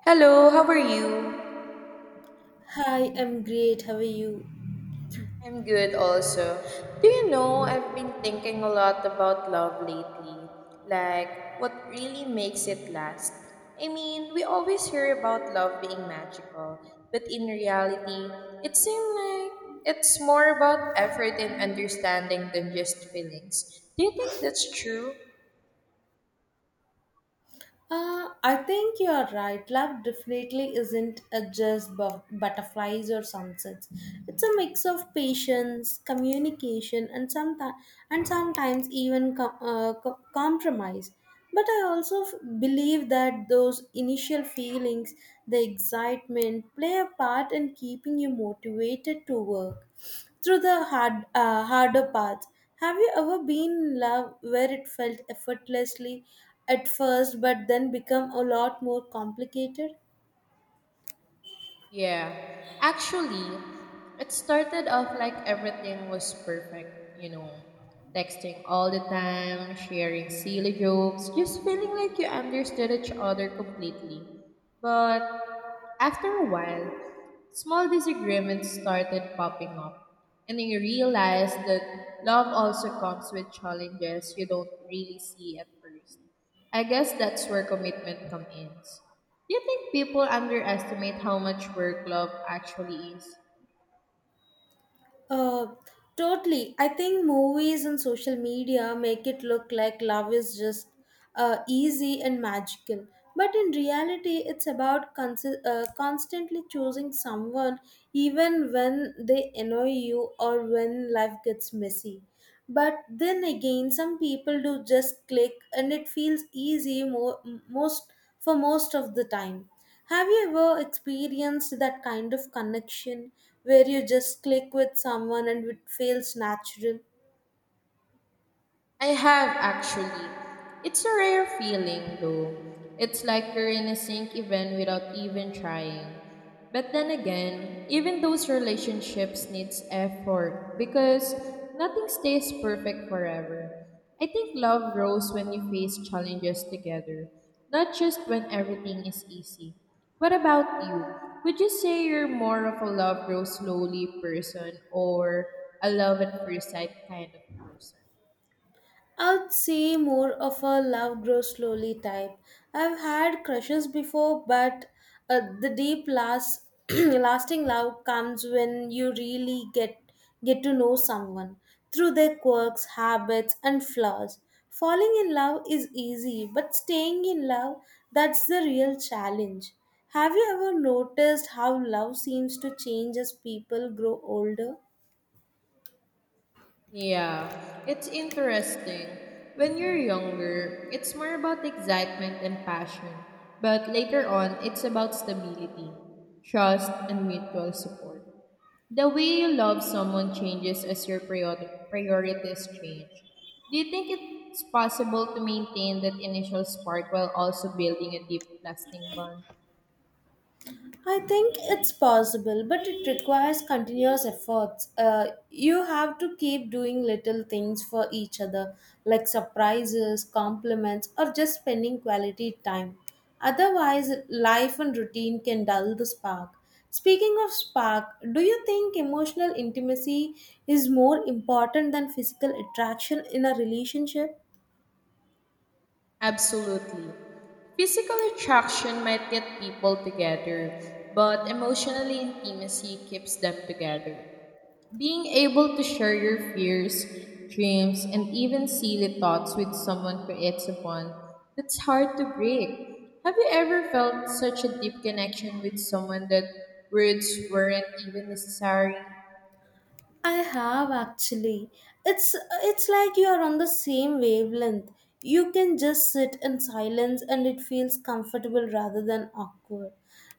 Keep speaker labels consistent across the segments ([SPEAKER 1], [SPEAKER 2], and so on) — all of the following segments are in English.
[SPEAKER 1] Hello, how are you?
[SPEAKER 2] Hi, I'm great. How are you?
[SPEAKER 1] I'm good also. Do you know I've been thinking a lot about love lately? Like, what really makes it last? I mean, we always hear about love being magical, but in reality, it seems like it's more about effort and understanding than just feelings. Do you think that's true?
[SPEAKER 2] I think you are right. Love definitely isn't a just butterflies or sunsets. It's a mix of patience, communication, and sometimes even compromise. But I also believe that those initial feelings, the excitement, play a part in keeping you motivated to work through the harder path. Have you ever been in love where it felt effortlessly at first but then become a lot more complicated?
[SPEAKER 1] Yeah, actually, it started off like everything was perfect, you know, texting all the time, sharing silly jokes, just feeling like you understood each other completely. But after a while, small disagreements started popping up, and then you realize that love also comes with challenges you don't really see at first. I guess that's where commitment comes in. Do you think people underestimate how much work love actually is?
[SPEAKER 2] Uh, Totally. I think movies and social media make it look like love is just easy and magical. But in reality, it's about constantly choosing someone even when they annoy you or when life gets messy. But then again, some people do just click and it feels easy mo- most for most of the time. Have you ever experienced that kind of connection where you just click with someone and it feels natural?
[SPEAKER 1] I have actually. It's a rare feeling though. It's like you're in a sync event without even trying. But then again, even those relationships needs effort because nothing stays perfect forever. I think love grows when you face challenges together, not just when everything is easy. What about you? Would you say you're more of a love grows slowly person or a love at first sight kind of person?
[SPEAKER 2] I'd say more of a love grows slowly type. I've had crushes before, but the deep last lasting love comes when you really get to know someone through their quirks, habits, and flaws. Falling in love is easy, but staying in love, that's the real challenge. Have you ever noticed how love seems to change as people grow older?
[SPEAKER 1] Yeah, it's interesting. When you're younger, it's more about excitement and passion, but later on, it's about stability, trust, and mutual support. The way you love someone changes as your priorities change. Do you think it's possible to maintain that initial spark while also building a deep, lasting bond?
[SPEAKER 2] I think it's possible, but it requires continuous efforts. You have to keep doing little things for each other, like surprises, compliments, or just spending quality time. Otherwise, life and routine can dull the spark. Speaking of spark, do you think emotional intimacy is more important than physical attraction in a relationship?
[SPEAKER 1] Absolutely. Physical attraction might get people together, but emotional intimacy keeps them together. Being able to share your fears, dreams, and even silly thoughts with someone creates a bond that's hard to break. Have you ever felt such a deep connection with someone that words weren't even necessary?
[SPEAKER 2] I have actually. It's it's like you are on the same wavelength. You can just sit in silence and it feels comfortable rather than awkward.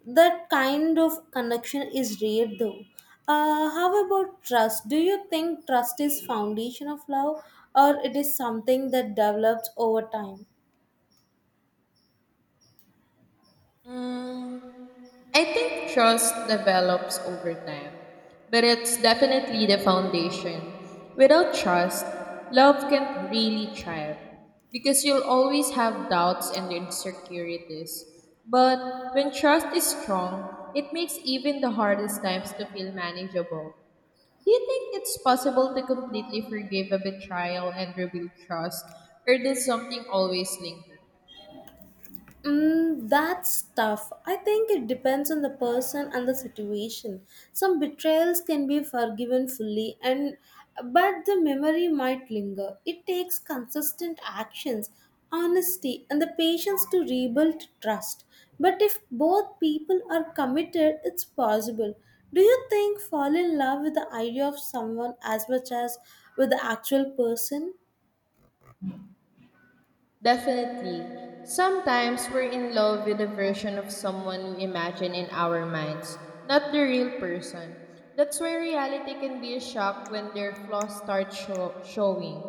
[SPEAKER 2] That kind of connection is rare though. How about trust? Do you think trust is foundation of love or it is something that develops over time?
[SPEAKER 1] Mm, I think trust develops over time, but it's definitely the foundation. Without trust, love can't really thrive because you'll always have doubts and insecurities. But when trust is strong, it makes even the hardest times to feel manageable. Do you think it's possible to completely forgive a betrayal and rebuild trust, or does something always linger?
[SPEAKER 2] That's tough. I think it depends on the person and the situation. Some betrayals can be forgiven fully, and but the memory might linger. It takes consistent actions, honesty, and the patience to rebuild trust. But if both people are committed, it's possible. Do you think fall in love with the idea of someone as much as with the actual person?
[SPEAKER 1] Definitely. Sometimes we're in love with a version of someone we imagine in our minds, not the real person. That's why reality can be a shock when their flaws start showing.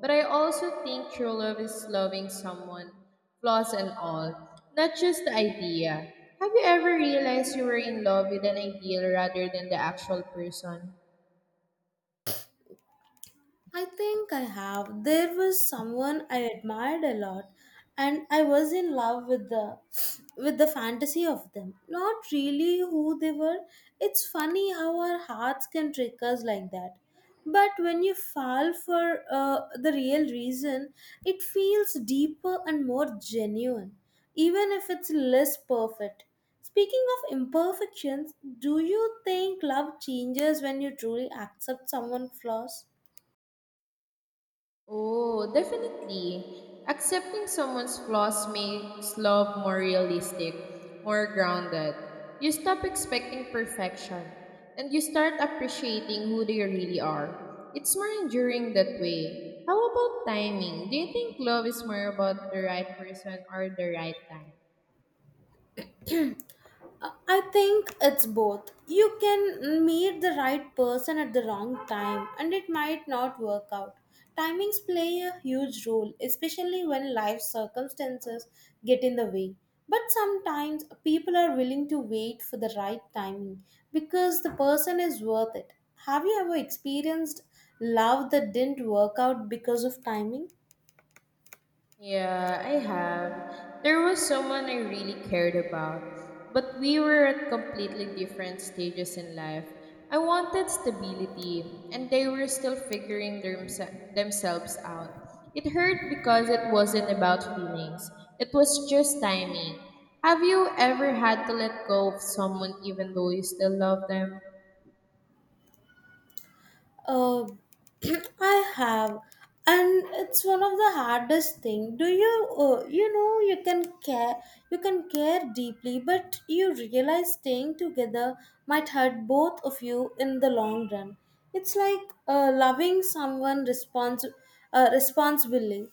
[SPEAKER 1] But I also think true love is loving someone, flaws and all, not just the idea. Have you ever realized you were in love with an ideal rather than the actual person?
[SPEAKER 2] I think I have. There was someone I admired a lot and I was in love with the fantasy of them. Not really who they were. It's funny how our hearts can trick us like that. But when you fall for the real reason, it feels deeper and more genuine, even if it's less perfect. Speaking of imperfections, do you think love changes when you truly accept someone's flaws?
[SPEAKER 1] Oh, definitely. Accepting someone's flaws makes love more realistic, more grounded. You stop expecting perfection and you start appreciating who they really are. It's more enduring that way. How about timing? Do you think love is more about the right person or the right time?
[SPEAKER 2] I think it's both. You can meet the right person at the wrong time and it might not work out. Timings play a huge role, especially when life circumstances get in the way. But sometimes people are willing to wait for the right timing because the person is worth it. Have you ever experienced love that didn't work out because of timing?
[SPEAKER 1] Yeah, I have. There was someone I really cared about, but we were at completely different stages in life. I wanted stability, and they were still figuring themselves out. It hurt because it wasn't about feelings, it was just timing. Have you ever had to let go of someone even though you still love them?
[SPEAKER 2] Uh, I have, and it's one of the hardest thing. Do you, you can care deeply, but you realize staying together might hurt both of you in the long run. It's like loving someone responsibly,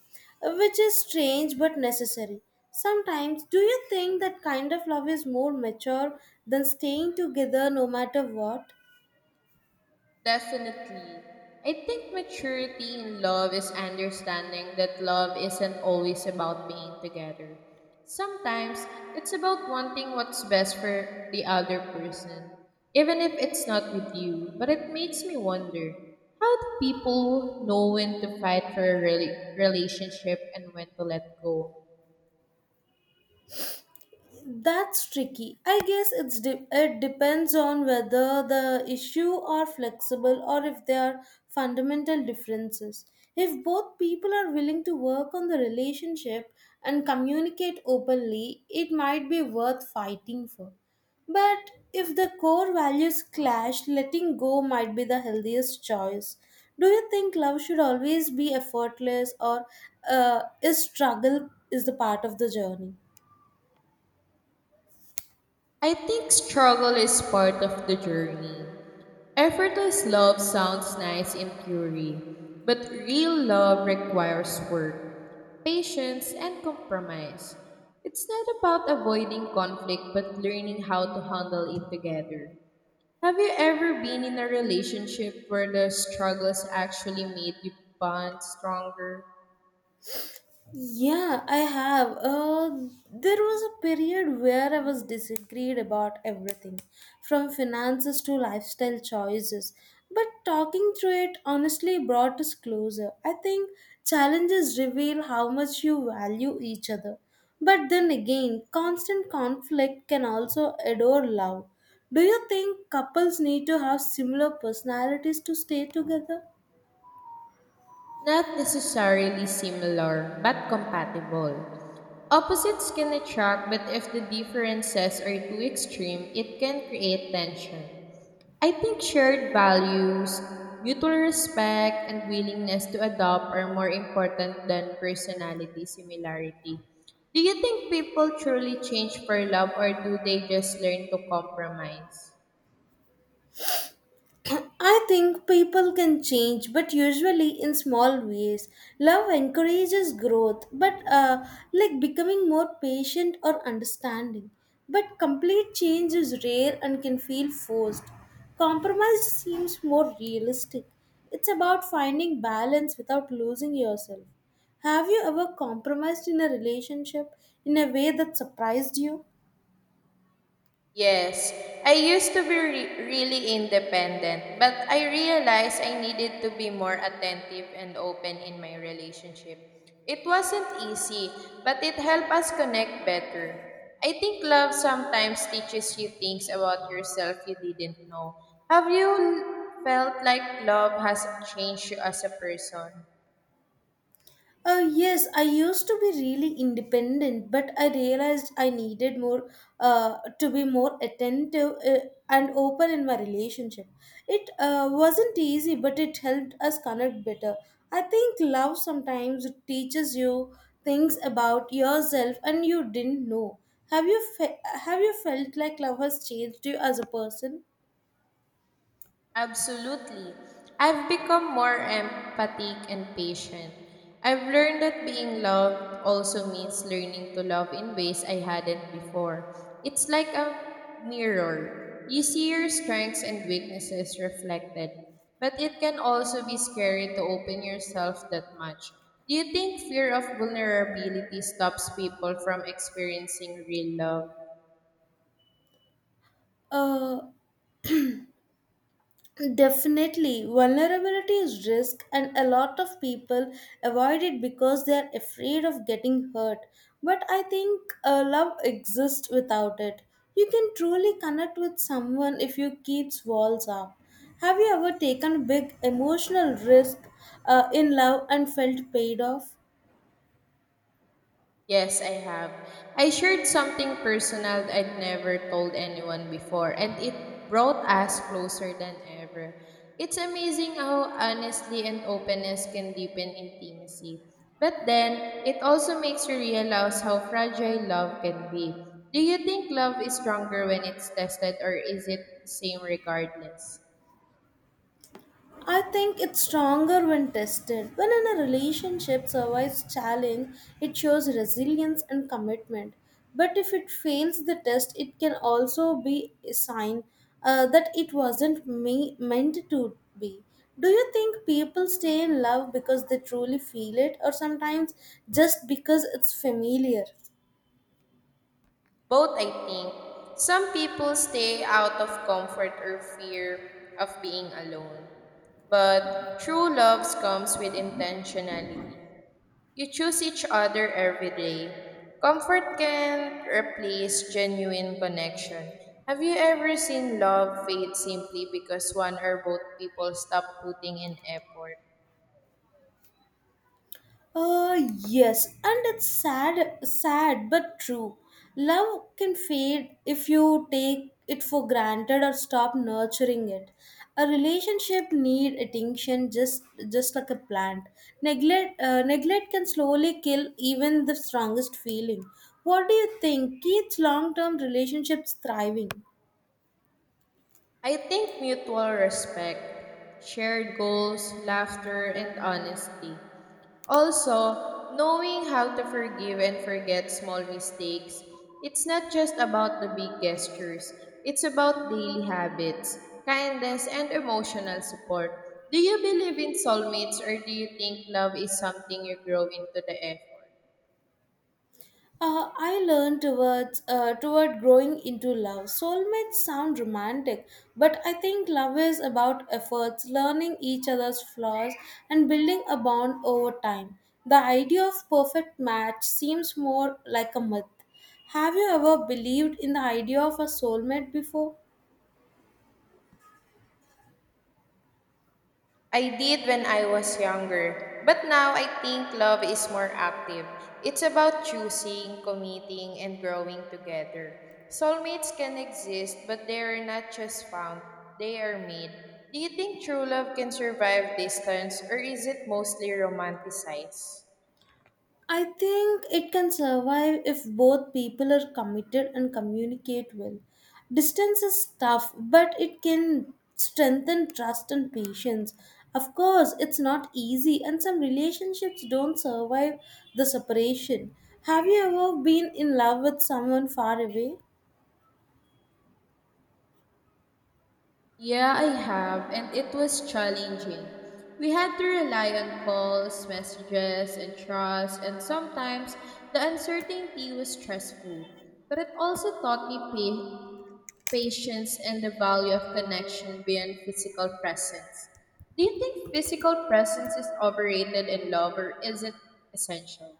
[SPEAKER 2] which is strange but necessary. Sometimes, do you think that kind of love is more mature than staying together no matter what?
[SPEAKER 1] Definitely. I think maturity in love is understanding that love isn't always about being together. Sometimes it's about wanting what's best for the other person, even if it's not with you. But it makes me wonder how do people know when to fight for a relationship and when to let go?
[SPEAKER 2] That's tricky. I guess it depends on whether the issue are flexible or if there are fundamental differences. If both people are willing to work on the relationship and communicate openly, it might be worth fighting for. But if the core values clash, letting go might be the healthiest choice. Do you think love should always be effortless or is struggle is the part of the journey?
[SPEAKER 1] I think struggle is part of the journey. Effortless love sounds nice in theory, but real love requires work, patience, and compromise. It's not about avoiding conflict but learning how to handle it together. Have you ever been in a relationship where the struggles actually made you bond stronger?
[SPEAKER 2] Yeah, I have. There was a period where I was disagreed about everything, from finances to lifestyle choices. But talking through it honestly brought us closer. I think challenges reveal how much you value each other. But then again, constant conflict can also adore love. Do you think couples need to have similar personalities to stay together?
[SPEAKER 1] Not necessarily similar, but compatible. Opposites can attract, but if the differences are too extreme, it can create tension. I think shared values, mutual respect, and willingness to adopt are more important than personality similarity. Do you think people truly change for love or do they just learn to compromise?
[SPEAKER 2] I think people can change, but usually in small ways. Love encourages growth, but like becoming more patient or understanding. But complete change is rare and can feel forced. Compromise seems more realistic. It's about finding balance without losing yourself. Have you ever compromised in a relationship in a way that surprised you?
[SPEAKER 1] Yes, I used to be really independent, but I realized I needed to be more attentive and open in my relationship. It wasn't easy, but it helped us connect better. I think love sometimes teaches you things about yourself you didn't know. Have you felt like love has changed you as a person?
[SPEAKER 2] Yes, I used to be really independent, but I realized I needed more to be more attentive, and open in my relationship. It wasn't easy, but it helped us connect better. I think love sometimes teaches you things about yourself and you didn't know. Have you felt like love has changed you as a person?
[SPEAKER 1] Absolutely. I've become more empathic and patient. I've learned that being loved also means learning to love in ways I hadn't before. It's like a mirror. You see your strengths and weaknesses reflected, but it can also be scary to open yourself that much. Do you think fear of vulnerability stops people from experiencing real love?
[SPEAKER 2] Uh, Definitely, vulnerability is risk, and a lot of people avoid it because they are afraid of getting hurt. But I think love exists without it. You can truly connect with someone if you keep walls up. Have you ever taken big emotional risk in love and felt paid off?
[SPEAKER 1] Yes, I have. I shared something personal I'd never told anyone before, and it brought us closer than ever. It's amazing how honesty and openness can deepen intimacy. But then, it also makes you realize how fragile love can be. Do you think love is stronger when it's tested, or is it the same regardless?
[SPEAKER 2] I think it's stronger when tested. When in a relationship survives challenge, it shows resilience and commitment. But if it fails the test, it can also be a sign that it wasn't meant to be. Do you think people stay in love because they truly feel it, or sometimes just because it's familiar?
[SPEAKER 1] Both, I think. Some people stay out of comfort or fear of being alone. But true love comes with intentionality. You choose each other every day. Comfort can replace genuine connection. Have you ever seen love fade simply because one or both people stop putting in effort?
[SPEAKER 2] Uh, yes, and it's sad but true. Love can fade if you take it for granted or stop nurturing it. A relationship need attention just like a plant. Neglect can slowly kill even the strongest feeling. What do you think keeps long term relationships thriving?
[SPEAKER 1] I think mutual respect, shared goals, laughter, and honesty. Also, knowing how to forgive and forget small mistakes. It's not just about the big gestures, it's about daily habits, kindness, and emotional support. Do you believe in soulmates or do you think love is something you grow into the effort?
[SPEAKER 2] I learned toward growing into love. Soulmates sound romantic, but I think love is about efforts, learning each other's flaws, and building a bond over time. The idea of perfect match seems more like a myth. Have you ever believed in the idea of a soulmate before?
[SPEAKER 1] I did when I was younger, but now I think love is more active. It's about choosing, committing, and growing together. Soulmates can exist, but they are not just found, they are made. Do you think true love can survive distance, or is it mostly romanticized?
[SPEAKER 2] I think it can survive if both people are committed and communicate well. Distance is tough, but it can strengthen trust and patience. Of course, it's not easy, and some relationships don't survive the separation. Have you ever been in love with someone far away?
[SPEAKER 1] Yeah, I have, and it was challenging. We had to rely on calls, messages, and trust, and sometimes the uncertainty was stressful. But it also taught me patience and the value of connection beyond physical presence. Do you think physical presence is overrated in love or is it essential?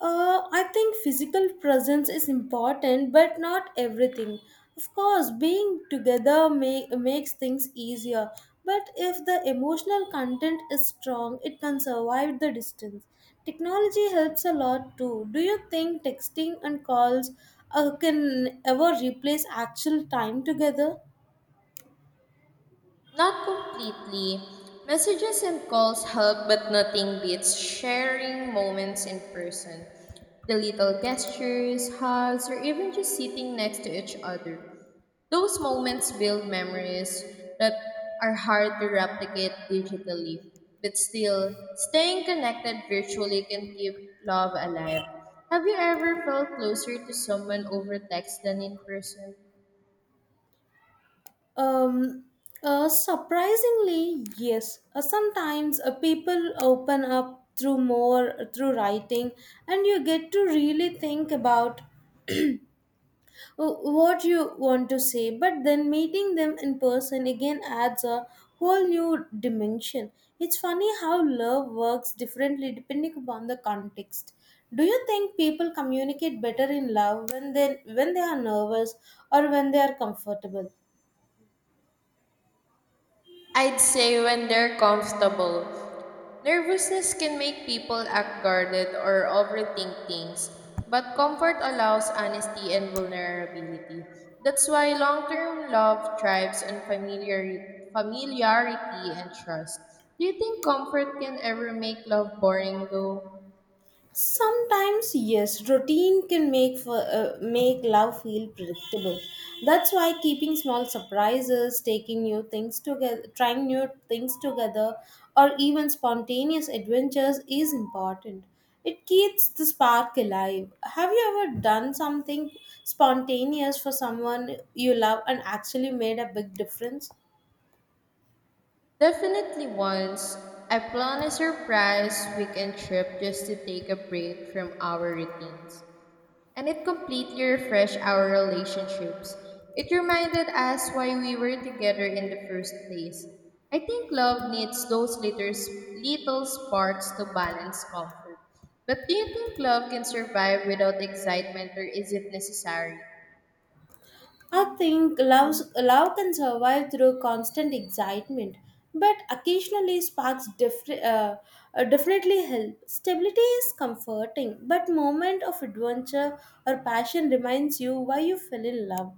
[SPEAKER 2] I think physical presence is important, but not everything. Of course, being together makes things easier, but if the emotional content is strong, it can survive the distance. Technology helps a lot too. Do you think texting and calls can ever replace actual time together?
[SPEAKER 1] Not completely. Messages and calls help, but nothing beats sharing moments in person. The little gestures, hugs, or even just sitting next to each other. Those moments build memories that are hard to replicate digitally. But still, staying connected virtually can keep love alive. Have you ever felt closer to someone over text than in person?
[SPEAKER 2] Um, Surprisingly, yes. Sometimes people open up through more through writing, and you get to really think about what you want to say. But then meeting them in person again adds a whole new dimension. It's funny how love works differently depending upon the context. Do you think people communicate better in love when they are nervous or when they are comfortable?
[SPEAKER 1] I'd say when they're comfortable. Nervousness can make people act guarded or overthink things, but comfort allows honesty and vulnerability. That's why long-term love thrives on familiarity and trust. Do you think comfort can ever make love boring though?
[SPEAKER 2] Sometimes, yes, routine can make love feel predictable. That's why keeping small surprises, taking new things together, trying new things together, or even spontaneous adventures is important. It keeps the spark alive. Have you ever done something spontaneous for someone you love and actually made a big difference?
[SPEAKER 1] Definitely once. I planned a surprise weekend trip just to take a break from our routines. And it completely refreshed our relationships. It reminded us why we were together in the first place. I think love needs those little sparks to balance comfort. But do you think love can survive without excitement or is it necessary?
[SPEAKER 2] Love can survive through constant excitement, but occasionally sparks definitely help. Stability is comforting, but moment of adventure or passion reminds you why you fell in love.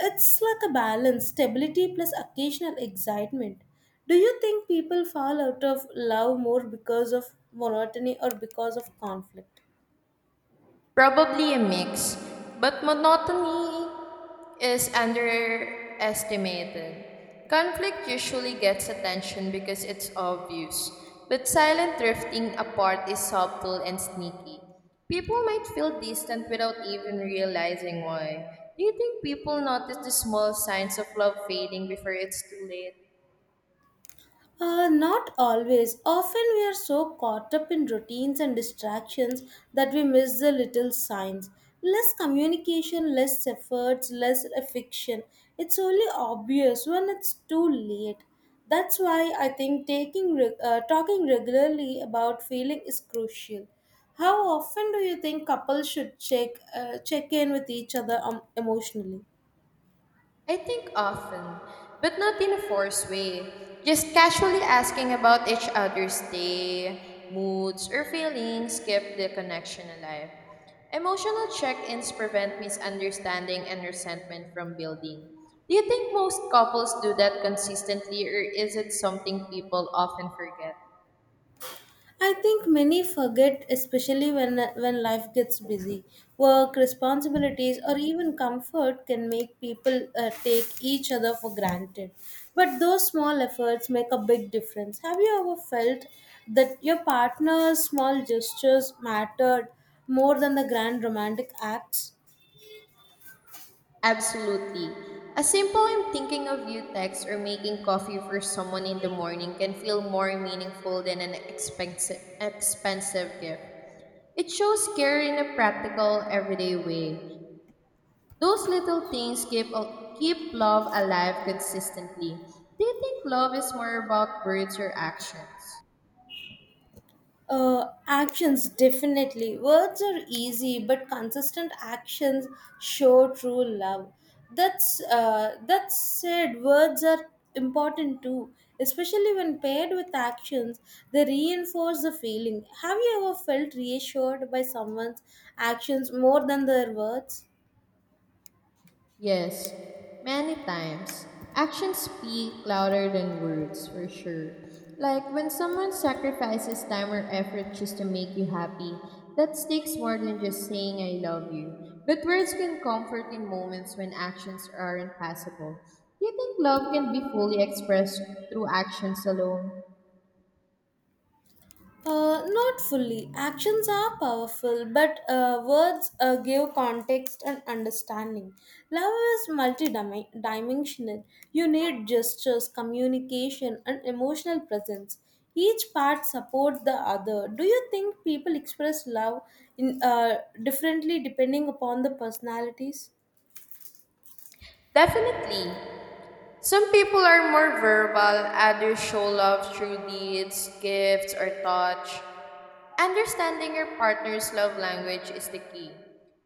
[SPEAKER 2] It's like a balance, stability plus occasional excitement. Do you think people fall out of love more because of monotony or because of conflict?
[SPEAKER 1] Probably a mix, but monotony is underestimated. Conflict usually gets attention because it's obvious, but silent drifting apart is subtle and sneaky. People might feel distant without even realizing why. Do you think people notice the small signs of love fading before it's too late?
[SPEAKER 2] Not always. Often we are so caught up in routines and distractions that we miss the little signs. Less communication, less efforts, less affection. It's only obvious when it's too late. That's why I think talking regularly about feeling is crucial. How often do you think couples should check in with each other emotionally?
[SPEAKER 1] I think often, but not in a forced way. Just casually asking about each other's day, moods, or feelings keep the connection alive. Emotional check ins prevent misunderstanding and resentment from building. Do you think most couples do that consistently, or is it something people often forget?
[SPEAKER 2] I think many forget, especially when life gets busy. Work, responsibilities, or even comfort can make people take each other for granted. But those small efforts make a big difference. Have you ever felt that your partner's small gestures mattered more than the grand romantic acts?
[SPEAKER 1] Absolutely. A simple I'm thinking of you text or making coffee for someone in the morning can feel more meaningful than an expensive gift. It shows care in a practical, everyday way. Those little things keep love alive consistently. Do you think love is more about words or actions?
[SPEAKER 2] Actions definitely. Words are easy, but consistent actions show true love. That said, words are important too, especially when paired with actions. They reinforce the feeling. Have you ever felt reassured by someone's actions more than their words?
[SPEAKER 1] Yes, many times. Actions speak louder than words, for sure. Like when someone sacrifices time or effort just to make you happy, that takes more than just saying I love you. But words can comfort in moments when actions aren't possible. Do you think love can be fully expressed through actions alone?
[SPEAKER 2] Not fully. Actions are powerful, but words give context and understanding. Love is multidimensional. You need gestures, communication, and emotional presence. Each part supports the other. Do you think people express love in differently depending upon the personalities?
[SPEAKER 1] Definitely. Some people are more verbal, others show love through deeds, gifts, or touch. Understanding your partner's love language is the key.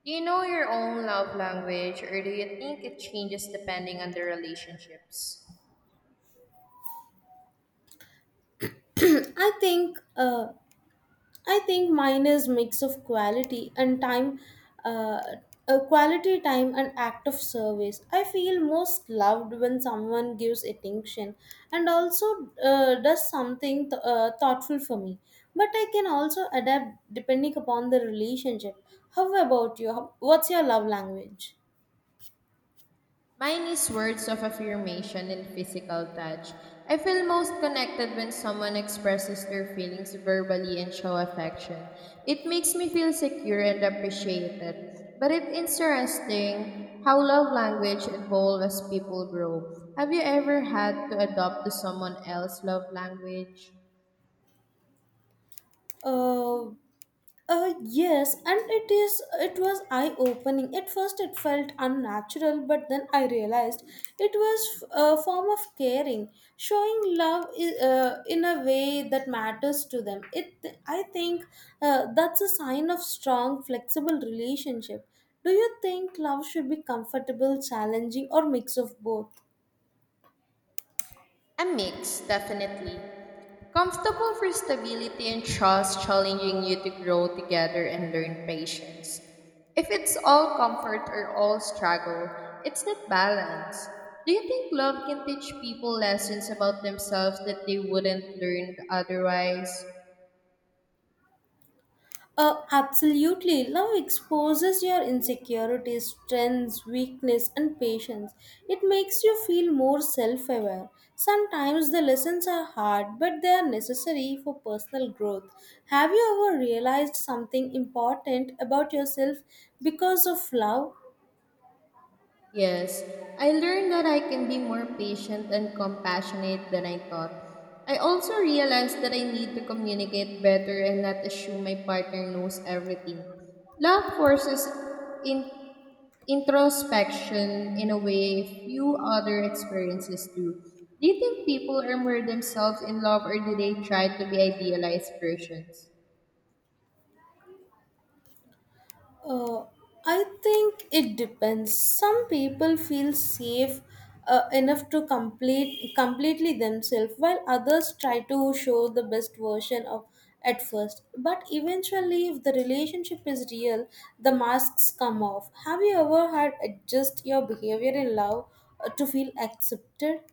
[SPEAKER 1] Do you know your own love language or do you think it changes depending on the relationships?
[SPEAKER 2] I think uh, I think mine is mix of quality and time, uh, quality time and act of service. I feel most loved when someone gives attention and also does something thoughtful for me. But I can also adapt depending upon the relationship. How about you? What's your love language?
[SPEAKER 1] Mine is words of affirmation and physical touch. I feel most connected when someone expresses their feelings verbally and show affection. It makes me feel secure and appreciated. But it's interesting how love language evolves as people grow. Have you ever had to adopt to someone else's love language?
[SPEAKER 2] Uh, yes, and it was eye-opening. At first it felt unnatural, but then I realized it was a form of caring, showing love in a way that matters to them. It I think that's a sign of strong, flexible relationship. Do you think love should be comfortable, challenging, or mix of both?
[SPEAKER 1] A mix, definitely. Comfortable for stability and trust, challenging you to grow together and learn patience. If it's all comfort or all struggle, it's not balance. Do you think love can teach people lessons about themselves that they wouldn't learn otherwise?
[SPEAKER 2] Absolutely. Love exposes your insecurities, strengths, weakness, and patience. It makes you feel more self aware. Sometimes the lessons are hard, but they are necessary for personal growth. Have you ever realized something important about yourself because of love?
[SPEAKER 1] Yes, I learned that I can be more patient and compassionate than I thought. I also realized that I need to communicate better and not assume my partner knows everything. Love forces in introspection in a way few other experiences do. Do you think people are more themselves in love or do they try to be idealized versions?
[SPEAKER 2] Uh, I think it depends. Some people feel safe enough to completely themselves, while others try to show the best version of at first. But eventually, if the relationship is real, the masks come off. Have you ever had adjust your behavior in love to feel accepted?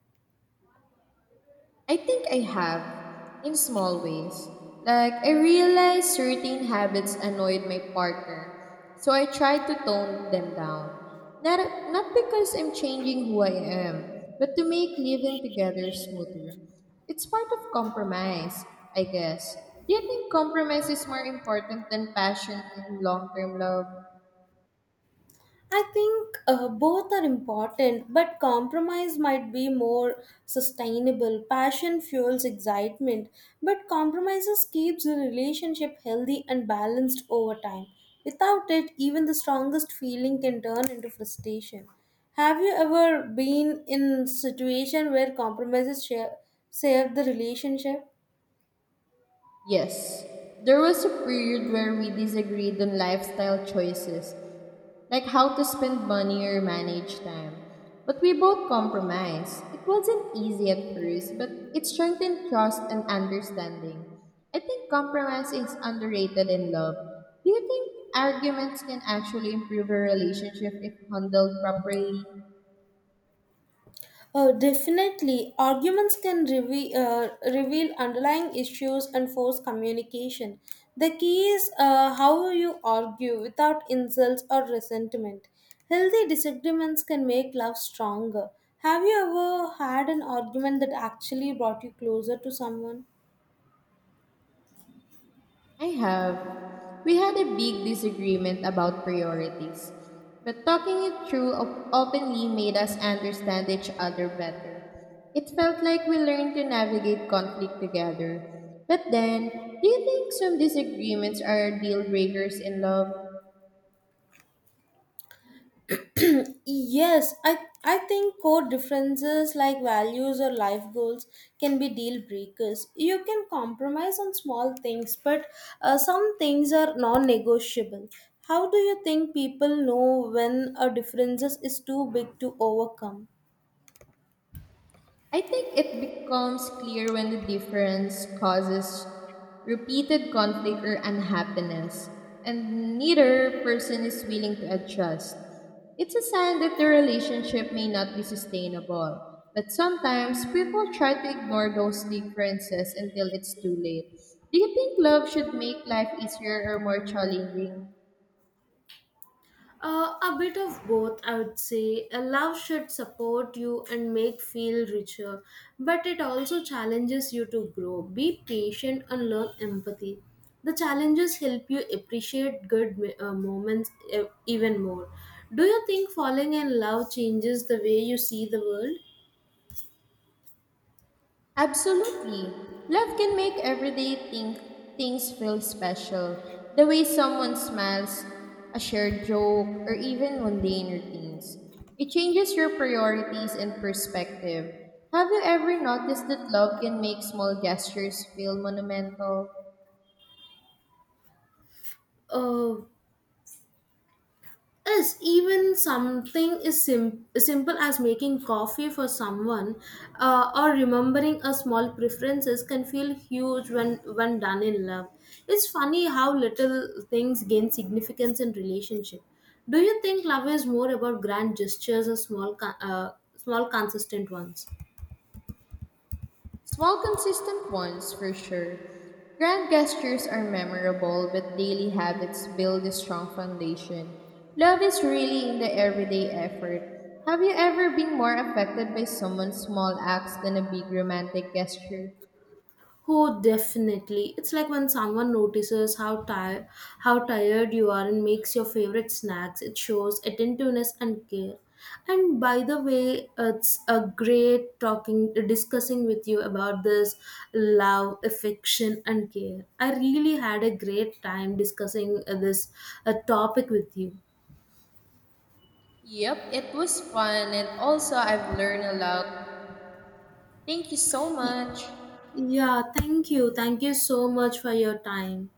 [SPEAKER 1] I think I have, in small ways. Like, I realized certain habits annoyed my partner, so I tried to tone them down. Not because I'm changing who I am, but to make living together smoother. It's part of compromise, I guess. Do you think compromise is more important than passion in long term love?
[SPEAKER 2] I think Both are important, but compromise might be more sustainable. Passion fuels excitement, but compromises keeps the relationship healthy and balanced over time. Without it, even the strongest feeling can turn into frustration. Have you ever been in situation where saved the relationship?
[SPEAKER 1] Yes, there was a period where we disagreed on lifestyle choices, like how to spend money or manage time. But we both compromised. It wasn't easy at first, but it strengthened trust and understanding. I think compromise is underrated in love. Do you think arguments can actually improve a relationship if handled properly?
[SPEAKER 2] Oh, definitely. Arguments can reveal underlying issues and force communication. The key is how you argue without insults or resentment. Healthy disagreements can make love stronger. Have you ever had an argument that actually brought you closer to someone?
[SPEAKER 1] I have. We had a big disagreement about priorities, but talking it through openly made us understand each other better. It felt like we learned to navigate conflict together. But then, do you think some disagreements are deal breakers in love?
[SPEAKER 2] Yes, I, I think core differences like values or life goals can be deal breakers. You can compromise on small things, but some things are non negotiable. How do you think people know when a difference is too big to overcome?
[SPEAKER 1] I think it becomes clear when the difference causes repeated conflict or unhappiness, and neither person is willing to adjust. It's a sign that the relationship may not be sustainable, but sometimes people try to ignore those differences until it's too late. Do you think love should make life easier or more challenging?
[SPEAKER 2] A bit of both, I would say. A love should support you and make feel richer, but it also challenges you to grow. Be patient and learn empathy. The challenges help you appreciate good moments even more. Do you think falling in love changes the way you see the world?
[SPEAKER 1] Absolutely. Love can make everyday think things feel special. The way someone smiles, a shared joke, or even mundane routines. It changes your priorities and perspective. Have you ever noticed that love can make small gestures feel monumental?
[SPEAKER 2] Uh, Yes, even something is simple as making coffee for someone or remembering a small preferences can feel huge when done in love. It's funny how little things gain significance in relationship. Do you think love is more about grand gestures or small consistent ones?
[SPEAKER 1] Small, consistent ones, for sure. Grand gestures are memorable, but daily habits build a strong foundation. Love is really in the everyday effort. Have you ever been more affected by someone's small acts than a big romantic gesture?
[SPEAKER 2] Oh, definitely. It's like when someone notices how tired you are and makes your favorite snacks. It shows attentiveness and care. And by the way, it's a great talking discussing with you about this love, affection and care. I really had a great time discussing this topic with you.
[SPEAKER 1] Yep, it was fun, and also I've learned a lot. Thank you so
[SPEAKER 2] Y-
[SPEAKER 1] much.
[SPEAKER 2] Yeah, thank you. Thank you so much for your time.